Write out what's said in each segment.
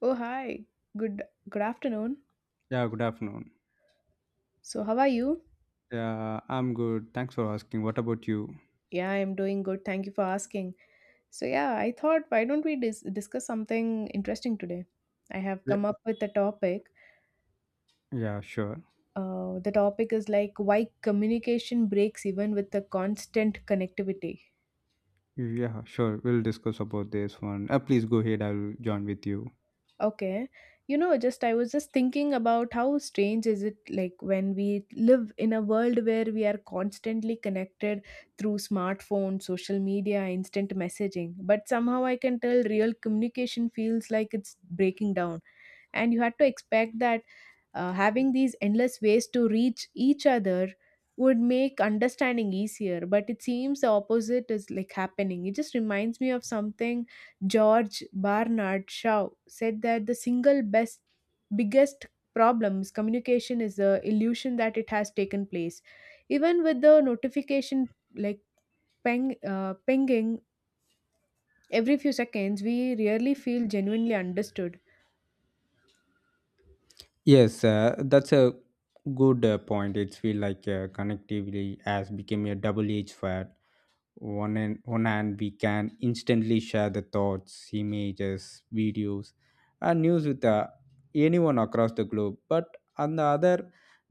Oh, hi. Good good afternoon. Yeah, good afternoon. So, how are you? Yeah, I'm good. Thanks for asking. What about you? Yeah, I'm doing good. Thank you for asking. So, yeah, I thought why don't we discuss something interesting today? I have Yeah, come up with a topic. yeah, Sure. The topic is like why communication breaks even with the constant connectivity. Yeah, sure. We'll discuss about this one. Please go ahead. I'll join with you. Okay. Just I was just thinking about how strange is it like when we live in a world where we are constantly connected through smartphones, social media, instant messaging. But somehow I can tell real communication feels like it's breaking down. And you had to expect that having these endless ways to reach each other would make understanding easier, but it seems the opposite is like happening. It just reminds me of something George Bernard Shaw said that the single best, biggest problem is communication is the illusion that it has taken place. Even with the notification like pinging every few seconds, we rarely feel genuinely understood. Yes, uh, good. It's feel like connectivity has become a double-edged sword. One and on hand we can instantly share the thoughts, images, videos, and news with anyone across the globe, but on the other,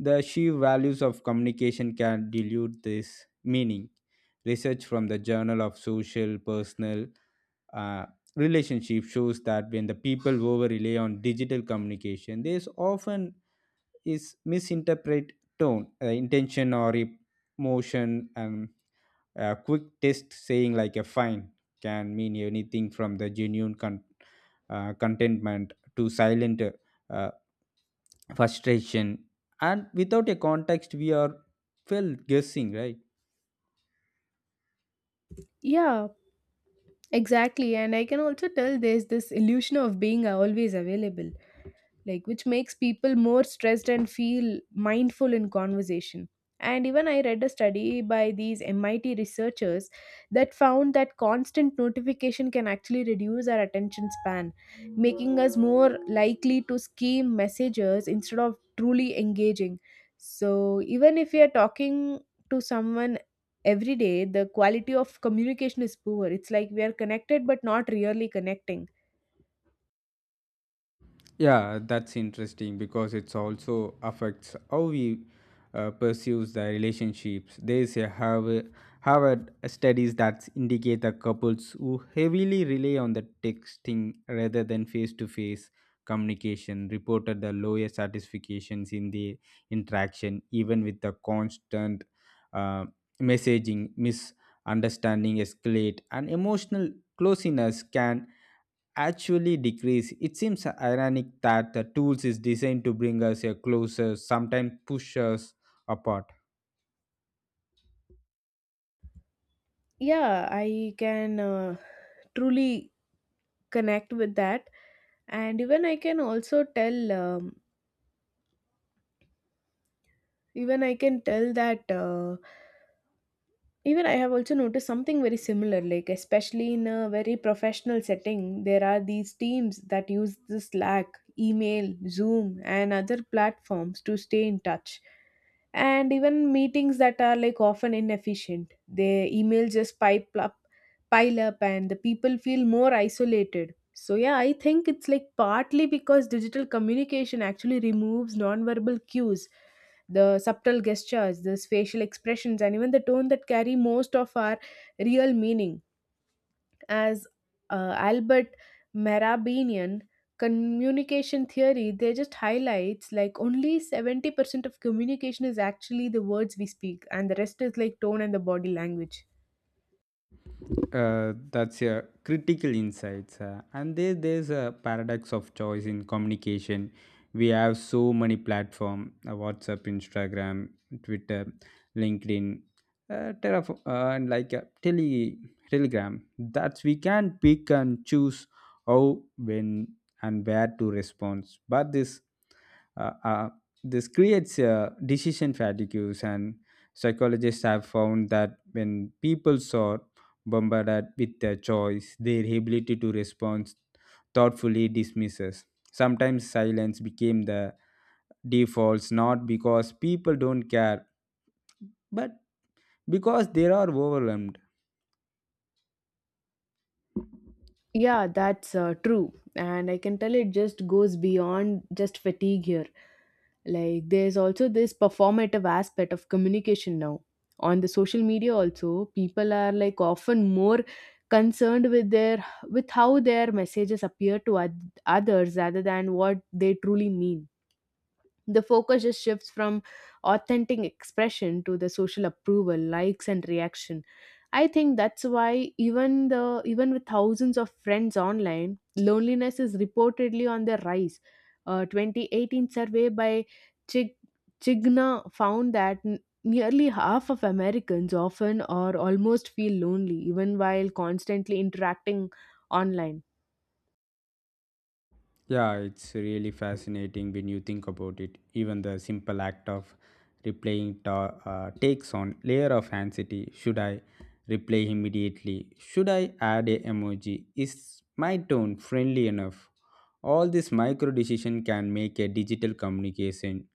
the sheer values of communication can dilute this meaning. Research from the journal of social personal uh, relationship shows that when the people over rely on digital communication, this often is misinterpret tone, intention, or emotion. And a quick test saying like a fine can mean anything from the genuine contentment to silent, uh, frustration. And without a context, we are felt guessing, right? Yeah, exactly, and I can also tell there's this illusion of being always available like which makes people more stressed and feel mindful in conversation. And even I read a study by these MIT researchers that found that constant notification can actually reduce our attention span, making us more likely to skim messages instead of truly engaging. So, even if we are talking to someone every day, the quality of communication is poor. It's like we are connected but not really connecting. Yeah, that's interesting because it's also affects how we pursues the relationships. They say Harvard studies that indicate that couples who heavily rely on the texting rather than face-to-face communication reported the lowest satisfactions in the interaction. Even with the constant uh, messaging, misunderstanding escalate, and emotional closeness can actually decrease. It seems ironic that the tools is designed to bring us a closer, sometimes push us apart. Yeah, I can truly connect with that. And even I can also tell. Even I can tell that Even I have also noticed something very similar, like especially in a very professional setting, there are these teams that use the Slack, email, Zoom, and other platforms to stay in touch. And even meetings that are like often inefficient, their email just pile up, and the people feel more isolated. So yeah, I think it's like partly because digital communication actually removes nonverbal cues, the subtle gestures, the facial expressions, and even the tone that carry most of our real meaning. As Albert Marabinian communication theory, they just highlights like only 70% of communication is actually the words we speak, and the rest is like tone and the body language. That's a critical insights, and there's a paradox of choice in communication. We have so many platform, WhatsApp, Instagram, Twitter, LinkedIn, and like Telegram, that we can pick and choose how, when, and where to respond. But uh, uh, this creates decision fatigues, and psychologists have found that when people saw bombarded with their choice, their ability to respond thoughtfully dismisses. Sometimes silence became the defaults, not because people don't care, but because they are overwhelmed. Yeah, that's true. And I can tell it just goes beyond just fatigue here. Like there's also this performative aspect of communication now. On the social media also, people are like often more concerned with how their messages appear to others rather than what they truly mean. The focus just shifts from authentic expression to the social approval, likes and reaction. I think that's why, even the, even with thousands of friends online, loneliness is reportedly on the rise. A 2018 survey by Chig- chigna found that nearly half of Americans often or almost feel lonely even while constantly interacting online. Yeah, it's really fascinating when you think about it. Even the simple act of takes on layer of anxiety. Should I replay immediately? Should I add a emoji? Is my tone friendly enough? All this micro decision can make a digital communication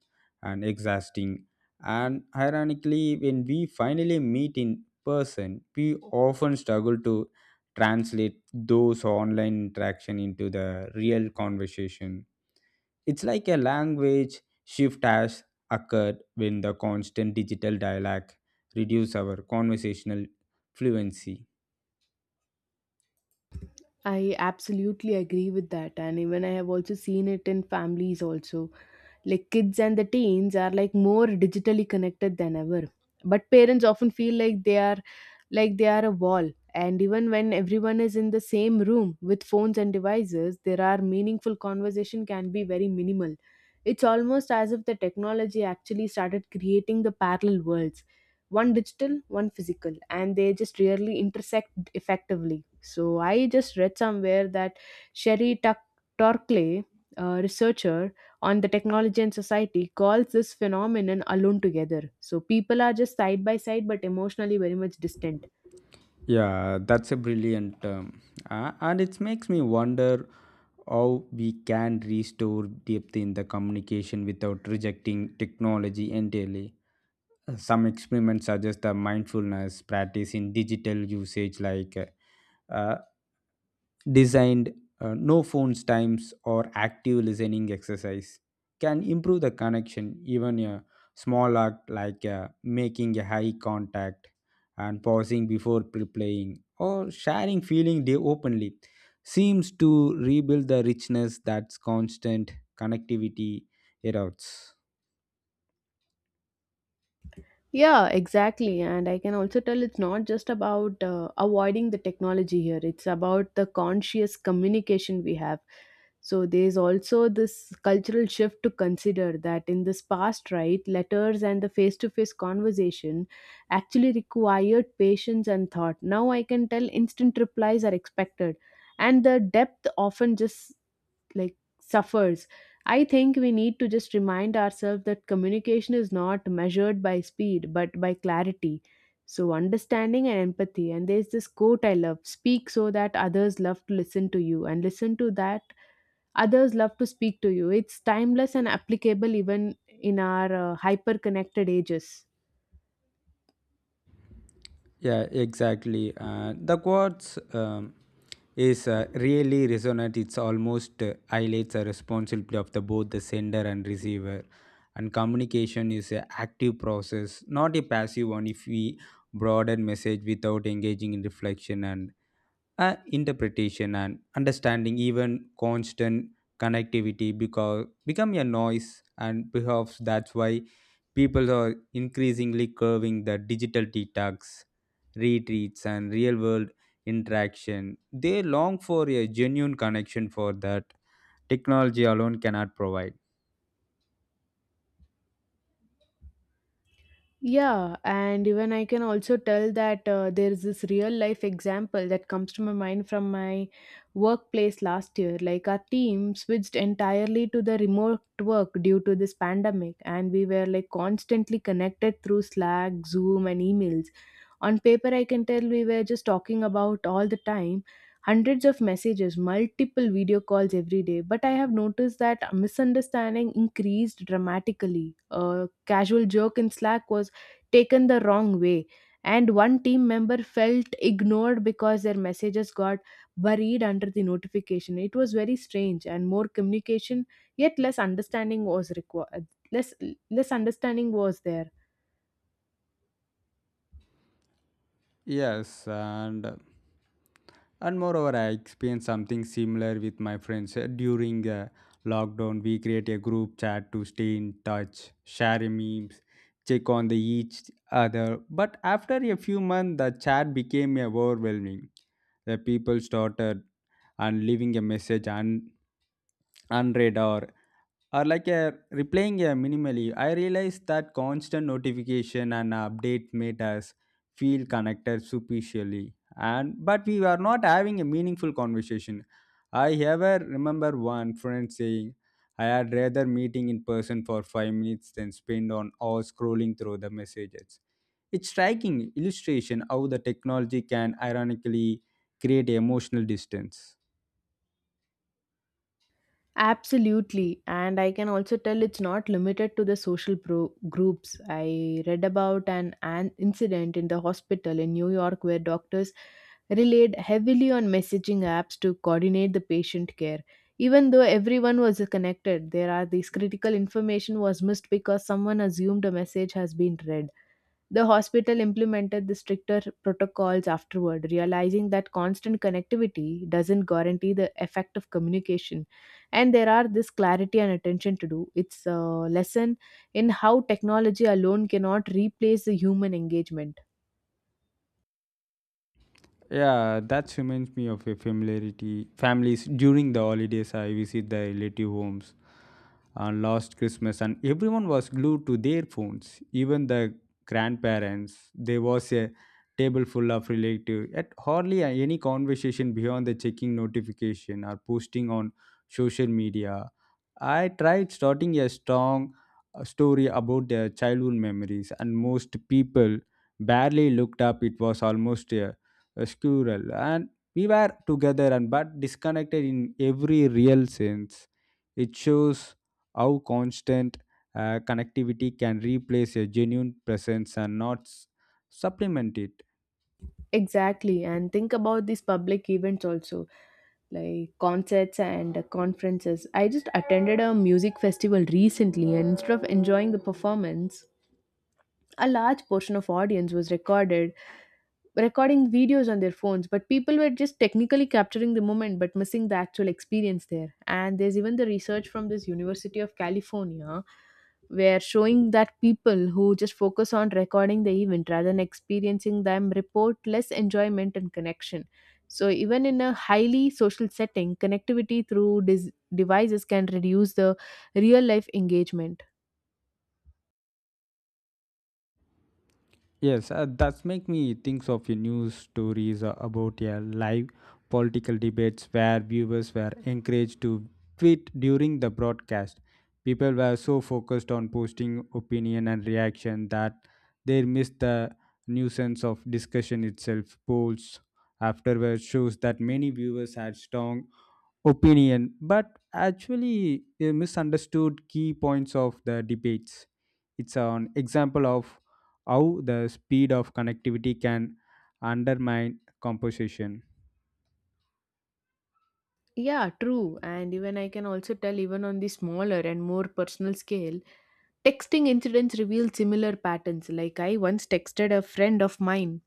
and exhausting. And ironically, when we finally meet in person, we often struggle to translate those online interaction into the real conversation. It's like a language shift has occurred when the constant digital dialogue reduce our conversational fluency. I absolutely agree with that. And even I have also seen it in families also. Like kids and the teens are like more digitally connected than ever. But parents often feel like they are a wall. And even when everyone is in the same room with phones and devices, there are meaningful conversation can be very minimal. It's almost as if the technology actually started creating the parallel worlds, one digital, one physical, and they just rarely intersect effectively. So I just read somewhere that Sherry Tuck- Torkley, a researcher on the technology and society, calls this phenomenon alone together. So people are just side by side but emotionally very much distant. Yeah, that's a brilliant term. And it makes me wonder how we can restore depth in the communication without rejecting technology entirely. Some experiments suggest the mindfulness practice in digital usage, like uh, designed no phones times or active listening exercise, can improve the connection. Even a small act like making a high contact and pausing before replying or sharing feeling they openly seems to rebuild the richness that's constant connectivity erodes. Yeah, exactly. And I can also tell it's not just about avoiding the technology here, it's about the conscious communication we have. So there's also this cultural shift to consider, that in this past, right, letters and the face to face conversation actually required patience and thought. Now I can tell instant replies are expected. And the depth often just like suffers. I think we need to just remind ourselves that communication is not measured by speed but by clarity, so understanding and empathy. And there's this quote I love: speak so that others love to listen to you, and listen to that others love to speak to you. It's timeless and applicable even in our hyper connected ages. Yeah, exactly. The quotes is really resonant. It's almost highlights a responsibility of the both the sender and receiver, and communication is an active process, not a passive one. If we broaden message without engaging in reflection and interpretation and understanding, even constant connectivity because become a noise. And perhaps that's why people are increasingly curving the digital detox retreats and real world interaction. They long for a genuine connection for that technology alone cannot provide. Yeah, and even I can also tell that there is this real life example that comes to my mind from my workplace last year. Like our team switched entirely to the remote work due to this pandemic, and we were like constantly connected through Slack, Zoom, and emails. On paper, I can tell we were just talking about all the time, hundreds of messages, multiple video calls every day. But I have noticed that misunderstanding increased dramatically. A casual joke in Slack was taken the wrong way, and one team member felt ignored because their messages got buried under the notification. It was very strange, and more communication, yet less understanding was required. Less understanding was there. Yes, and moreover, I experienced something similar with my friends. During lockdown, we create a group chat to stay in touch, share memes, check on the each other. But after a few months, the chat became overwhelming. The people started and leaving a message and unread, or like a replaying a minimally. I realized that constant notification and update made us feel connected superficially, and but we were not having a meaningful conversation. I ever remember one friend saying, I had rather meeting in person for 5 minutes than spend on or scrolling through the messages. It's striking illustration how the technology can ironically create emotional distance. Absolutely. And I can also tell it's not limited to the social groups. I read about an incident in the hospital in New York where doctors relied heavily on messaging apps to coordinate the patient care. Even though everyone was connected, there are these critical information was missed because someone assumed a message has been read. The hospital implemented the stricter protocols afterward, realizing that constant connectivity doesn't guarantee the effect of communication. And there are this clarity and attention to do. It's a lesson in how technology alone cannot replace the human engagement. Yeah, that reminds me of a familiarity. Families during the holidays, I visit the relative homes on last Christmas, and everyone was glued to their phones. Even the grandparents. There was a table full of relative. At hardly any conversation beyond the checking notification or posting on social media. I tried starting a strong story about their childhood memories, and most people barely looked up. It was almost a squirrel, and we were together and but disconnected in every real sense. It shows how constant connectivity can replace a genuine presence and not supplement it. Exactly. And think about these public events also, like concerts and conferences. I just attended a music festival recently, and instead of enjoying the performance, a large portion of audience was recorded recording videos on their phones. But people were just technically capturing the moment but missing the actual experience there. And there's even the research from this University of California where showing that people who just focus on recording the event rather than experiencing them report less enjoyment and connection. So even in a highly social setting, connectivity through devices can reduce the real life engagement. Yes, that's make me think of your news stories about a live political debates where viewers were encouraged to tweet during the broadcast. People were so focused on posting opinion and reaction that they missed the nuisance of discussion itself. Polls afterwards shows that many viewers had strong opinion, but actually misunderstood key points of the debates. It's an example of how the speed of connectivity can undermine composition. Yeah, true. And even I can also tell, even on the smaller and more personal scale, texting incidents reveal similar patterns. Like I once texted a friend of mine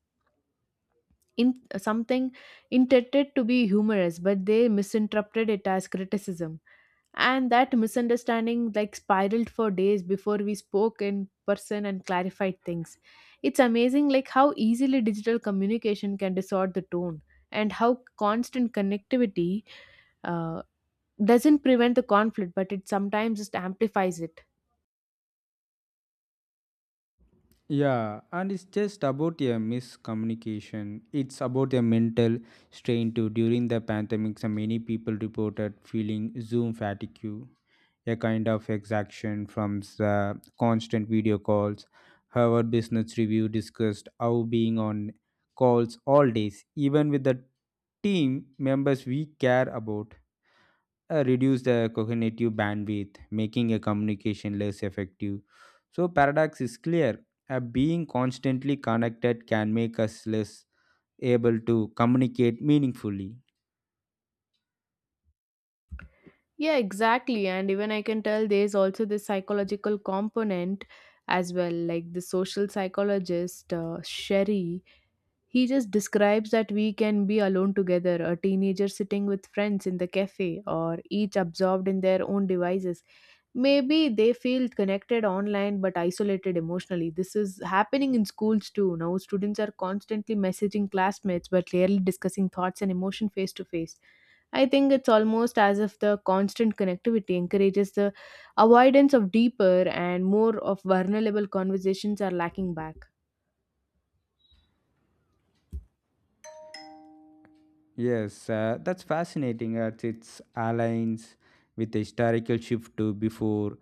in something intended to be humorous, but they misinterpreted it as criticism, and that misunderstanding like spiraled for days before we spoke in person and clarified things. It's amazing like how easily digital communication can distort the tone, and how constant connectivity uh, doesn't prevent the conflict but it sometimes just amplifies it. Yeah, and it's just about a miscommunication. It's about a mental strain too. During the pandemic, so many people reported feeling Zoom fatigue, a kind of exhaustion from the constant video calls. Harvard Business Review discussed how being on calls all days, even with the team members we care about, reduce the cognitive bandwidth, making a communication less effective. So paradox is clear. Being constantly connected can make us less able to communicate meaningfully. Yeah, exactly. And even I can tell there's also this psychological component as well. Like the social psychologist, Sherry, he just describes that we can be alone together, a teenager sitting with friends in the cafe, or each absorbed in their own devices. Maybe they feel connected online but isolated emotionally. This is happening in schools too. Now, students are constantly messaging classmates but rarely discussing thoughts and emotion face to face. I think it's almost as if the constant connectivity encourages the avoidance of deeper and more of vulnerable conversations are lacking back. Yes, that's fascinating as it aligns with the historical shift to before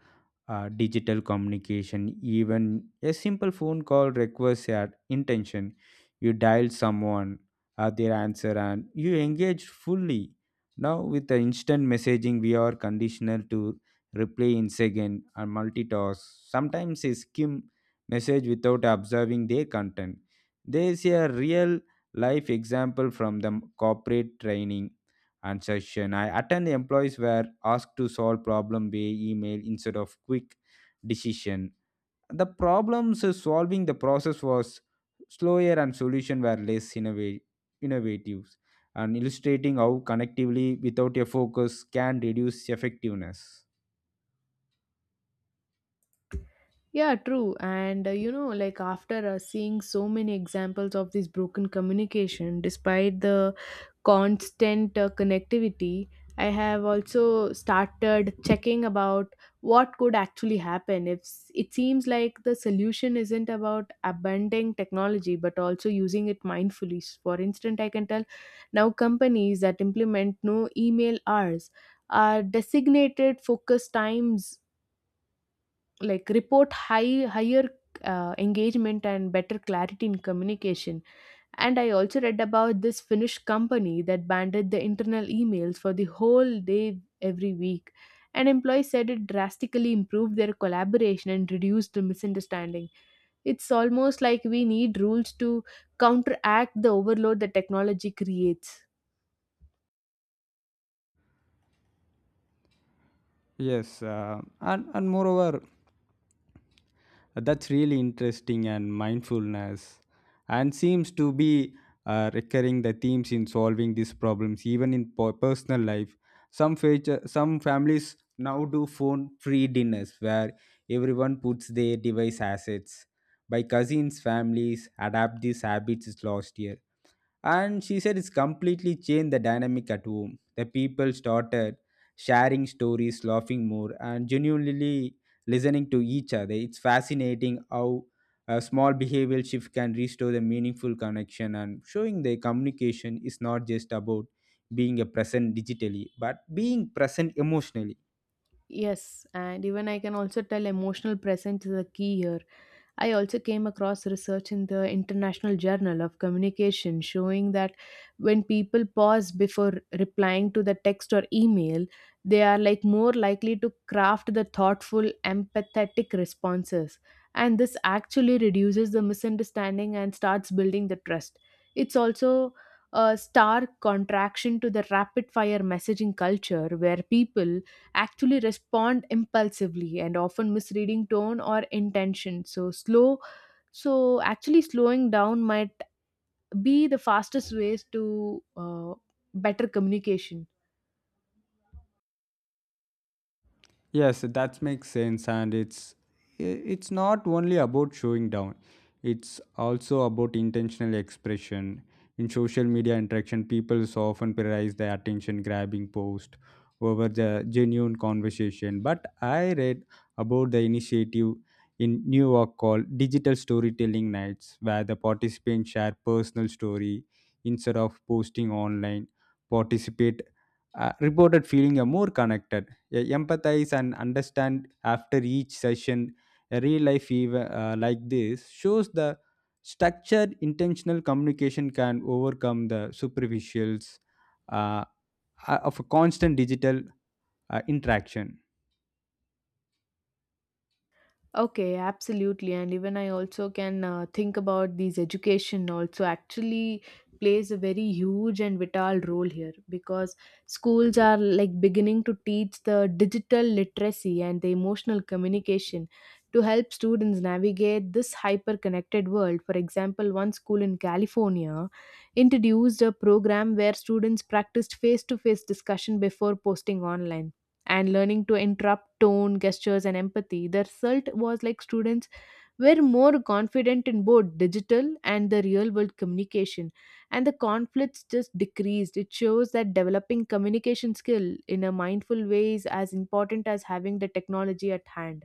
digital communication. Even a simple phone call requires your intention. You dial someone, their answer, and you engage fully. Now, with the instant messaging, we are conditional to reply in second and multitask. Sometimes they skim message without observing their content. There is a real life example from the corporate training and session I attend. Employees were asked to solve problem via email instead of quick decision. The problems solving the process was slower and solution were less innovative, and illustrating how connectively without a focus can reduce effectiveness. Yeah, true. And you know, like after seeing so many examples of this broken communication, despite the constant connectivity, I have also started checking about what could actually happen. If it seems like the solution isn't about abandoning technology, but also using it mindfully. For instance, I can tell now companies that implement no email hours are designated focus times like report higher engagement and better clarity in communication. And I also read about this Finnish company that banded the internal emails for the whole day every week, and employees said it drastically improved their collaboration and reduced the misunderstanding. It's almost like we need rules to counteract the overload that technology creates. Yes, and moreover. That's really interesting, and mindfulness and seems to be recurring the themes in solving these problems, even in personal life. Some feature, some families now do phone-free dinners where everyone puts their device assets. By cousins, families adapt these habits last year, and she said it's completely changed the dynamic at home. The people started sharing stories, laughing more, and genuinely listening to each other. It's fascinating how a small behavioral shift can restore the meaningful connection, and showing the communication is not just about being a present digitally but being present emotionally. Yes, and even I can also tell emotional presence is a key here. I also came across research in the International Journal of Communication showing that when people pause before replying to the text or email, they are like more likely to craft the thoughtful, empathetic responses. And this actually reduces the misunderstanding and starts building the trust. It's also a stark contraction to the rapid fire messaging culture where people actually respond impulsively and often misreading tone or intention. So slow, so actually slowing down might be the fastest ways to better communication. Yes, that makes sense, and it's it's not only about showing down; it's also about intentional expression. In social media interaction, people so often prioritize the attention-grabbing post over the genuine conversation. But I read about the initiative in New York called Digital Storytelling Nights, where the participants share personal story instead of posting online. Participate reported feeling more connected, empathize, and understand after each session. A real life like this shows the structured intentional communication can overcome the superficials uh, of a constant digital interaction. Okay, absolutely. And even I also can think about these education also actually plays a very huge and vital role here, because schools are like beginning to teach the digital literacy and the emotional communication to help students navigate this hyper connected world. For example, one school in California introduced a program where students practiced face to face discussion before posting online, and learning to interrupt tone, gestures, and empathy. The result was like students were more confident in both digital and the real world communication, and the conflicts just decreased. It shows that developing communication skill in a mindful way is as important as having the technology at hand.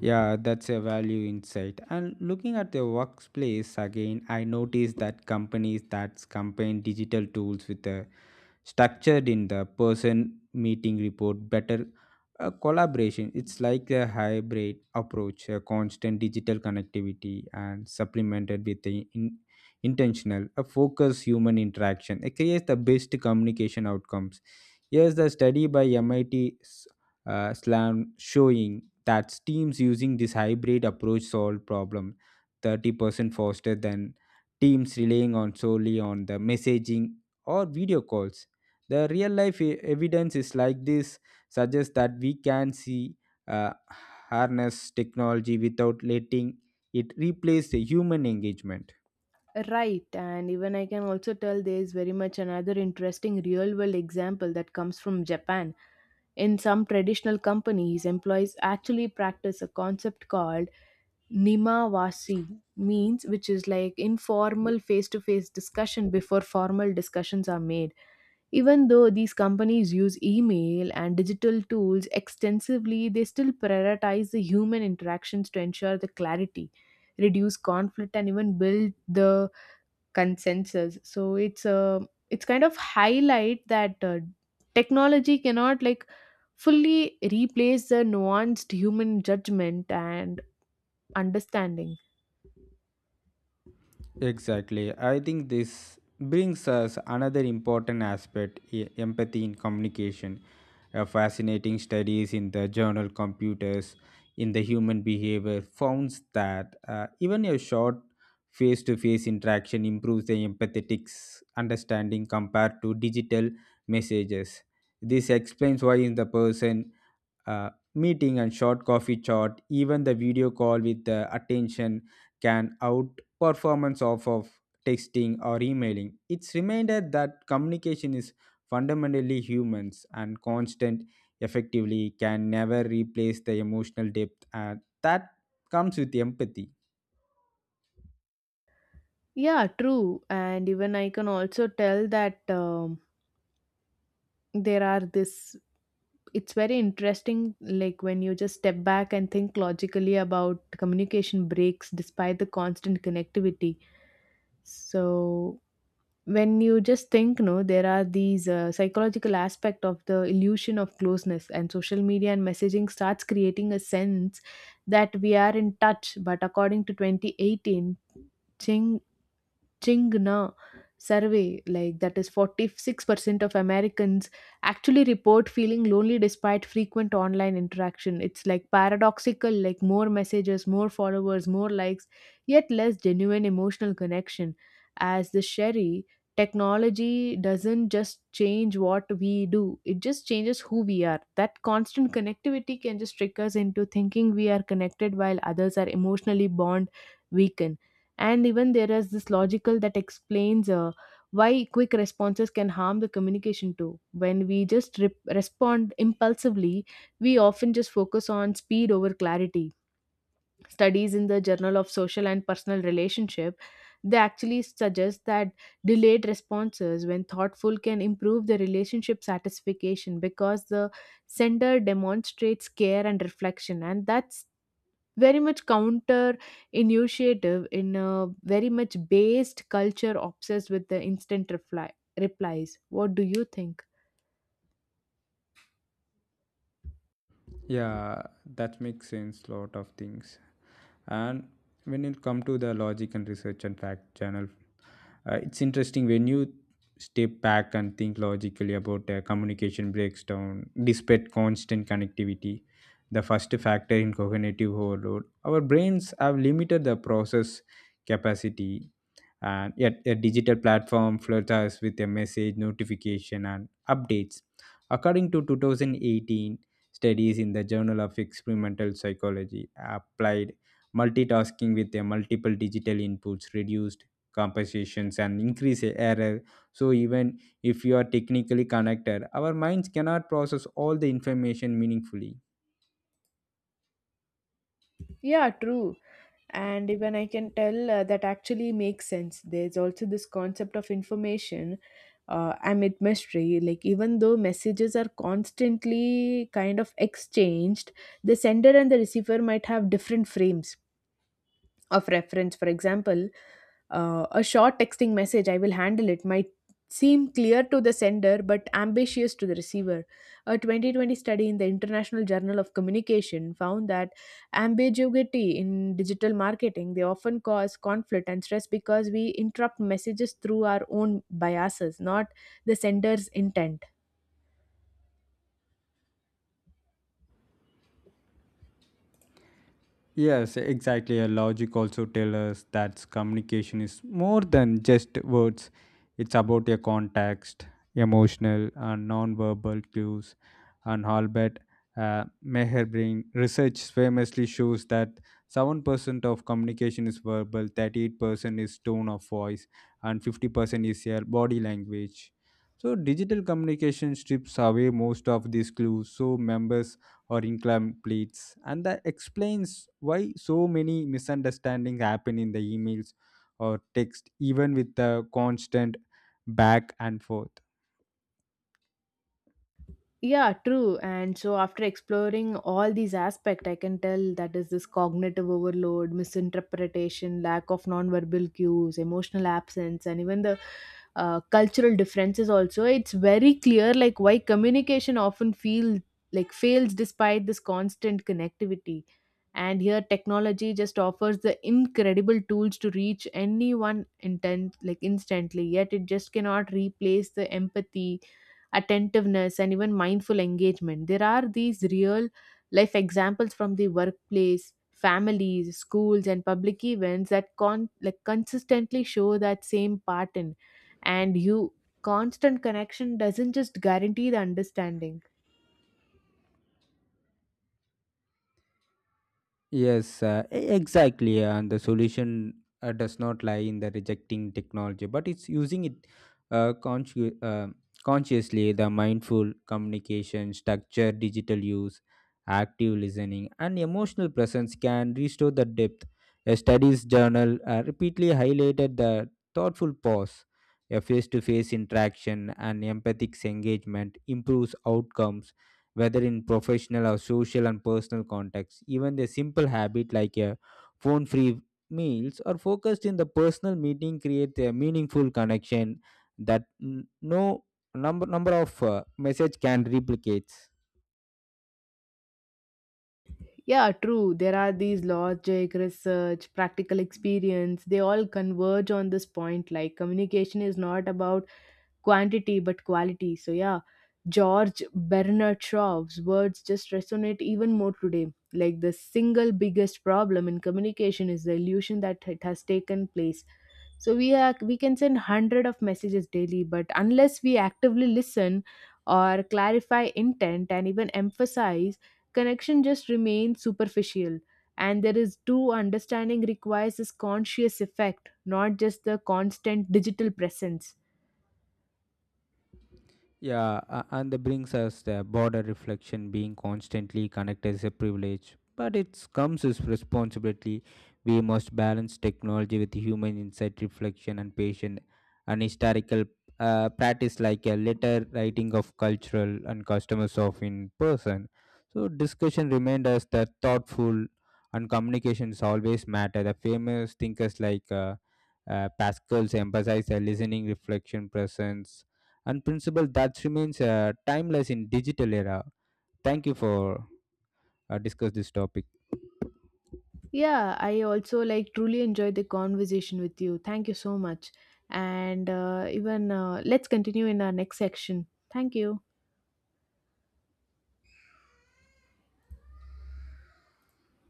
Yeah, that's a value insight. And looking at the workplace again, I noticed that companies that combine digital tools with the structured in the person meeting report better collaboration. It's like a hybrid approach, a constant digital connectivity and supplemented with the intentional, a focused human interaction. It creates the best communication outcomes. Here's the study by MIT 's, Slam, showing that teams using this hybrid approach solve problem 30% faster than teams relying on solely on the messaging or video calls. The real life evidence is like this suggests that we can see uh, harness technology without letting it replace the human engagement. Right, and even I can also tell there is very much another interesting real world example that comes from Japan. In some traditional companies, employees actually practice a concept called Nimawasi means which is like informal face to face discussion before formal discussions are made. Even though these companies use email and digital tools extensively, they still prioritize the human interactions to ensure the clarity, reduce conflict, and even build the consensus. So it's kind of highlight that technology cannot like fully replace the nuanced human judgment and understanding. Exactly. I think this brings us another important aspect, empathy in communication. A fascinating studies in the journal Computers in the Human Behavior found that even a short face to face interaction improves the empathetic understanding compared to digital messages. This explains why in the person uh, meeting and short coffee chat, even the video call with attention, can outperformance of texting or emailing. It's reminded that communication is fundamentally humans, and constant effectively can never replace the emotional depth, and that comes with empathy. Yeah, true. And even I can also tell that there are this, it's very interesting, like when you just step back and think logically about communication breaks despite the constant connectivity. So when you just think, no, there are these psychological aspect of the illusion of closeness and social media and messaging starts creating a sense that we are in touch. But according to 2018, Chingna survey, like that is 46% of Americans actually report feeling lonely despite frequent online interaction. It's like paradoxical, like more messages, more followers, more likes, yet less genuine emotional connection. As the Sherry, technology doesn't just change what we do, it just changes who we are. That constant connectivity can just trick us into thinking we are connected while others are emotionally bond weakened, and even there is this logical that explains why quick responses can harm the communication too. When we just respond impulsively, we often just focus on speed over clarity. Studies in the journal of social and personal relationship, they actually suggest that delayed responses when thoughtful can improve the relationship satisfaction because the sender demonstrates care and reflection, and that's very much counter initiative in a very much based culture obsessed with the instant reply replies. What do you think? Yeah, that makes sense. Lot of things. And when you come to the logic and research and fact channel, it's interesting when you step back and think logically about communication breaks down despite constant connectivity. The first factor in cognitive overload, our brains have limited the process capacity, and yet a digital platform floods us with a message, notification, and updates. According to 2018 studies in the journal of experimental psychology applied, multitasking with a multiple digital inputs reduced compensations and increase error. So even if you are technically connected, our minds cannot process all the information meaningfully. Yeah, true. And even I can tell that actually makes sense. There's also this concept of information amid mystery. Like, even though messages are constantly kind of exchanged, the sender and the receiver might have different frames of reference. For example, a short texting message, I will handle it, might seem clear to the sender but ambitious to the receiver. A 2020 study in the International Journal of Communication found that ambiguity in digital marketing, they often cause conflict and stress because we interrupt messages through our own biases, not the sender's intent. Yes, exactly. A logic also tells us that communication is more than just words. It's about a context, emotional and non-verbal cues. And Albert Meherbring research famously shows that 7% of communication is verbal, 38% is tone of voice, and 50% is your body language. So digital communication strips away most of these clues, so members or incompletes, and that explains why so many misunderstandings happen in the emails or text, even with the constant back and forth. Yeah, true. And so after exploring all these aspects, I can tell that is this cognitive overload, misinterpretation, lack of nonverbal cues, emotional absence, and even the cultural differences also. It's very clear like why communication often feel like fails despite this constant connectivity. And here technology just offers the incredible tools to reach anyone intent like instantly, yet it just cannot replace the empathy, attentiveness, and even mindful engagement. There are these real life examples from the workplace, families, schools, and public events that like consistently show that same pattern. And you constant connection doesn't just guarantee the understanding. Yes, exactly. And the solution does not lie in the rejecting technology, but it's using it uh, consci- uh, consciously. The mindful communication, structure, digital use, active listening, and emotional presence can restore the depth. A studies journal repeatedly highlighted the thoughtful pause, a face to face interaction, and empathic engagement improves outcomes whether in professional or social and personal contexts. Even the simple habit like a phone free meals or focused in the personal meeting create a meaningful connection that no number of message can replicate. Yeah, true. There are these logic, research, practical experience. They all converge on this point. Like communication is not about quantity but quality. So yeah, George Bernard Shaw's words just resonate even more today. Like the single biggest problem in communication is the illusion that it has taken place. So we are, we can send hundred of messages daily, but unless we actively listen or clarify intent and even emphasize, connection just remains superficial. And there is true understanding requires this conscious effect, not just the constant digital presence. Yeah, and that brings us the border reflection. Being constantly connected is a privilege, but it comes with responsibility. We must balance technology with human insight, reflection, and patient, and historical practice, like a letter writing of cultural and customers of in person. So, discussion remind us that thoughtful and communications always matter. The famous thinkers like Pascal's emphasized listening, reflection, presence, and principle that remains timeless in digital era. Thank you for discuss this topic. Yeah, I also like truly enjoyed the conversation with you. Thank you so much. And even let's continue in our next section. Thank you.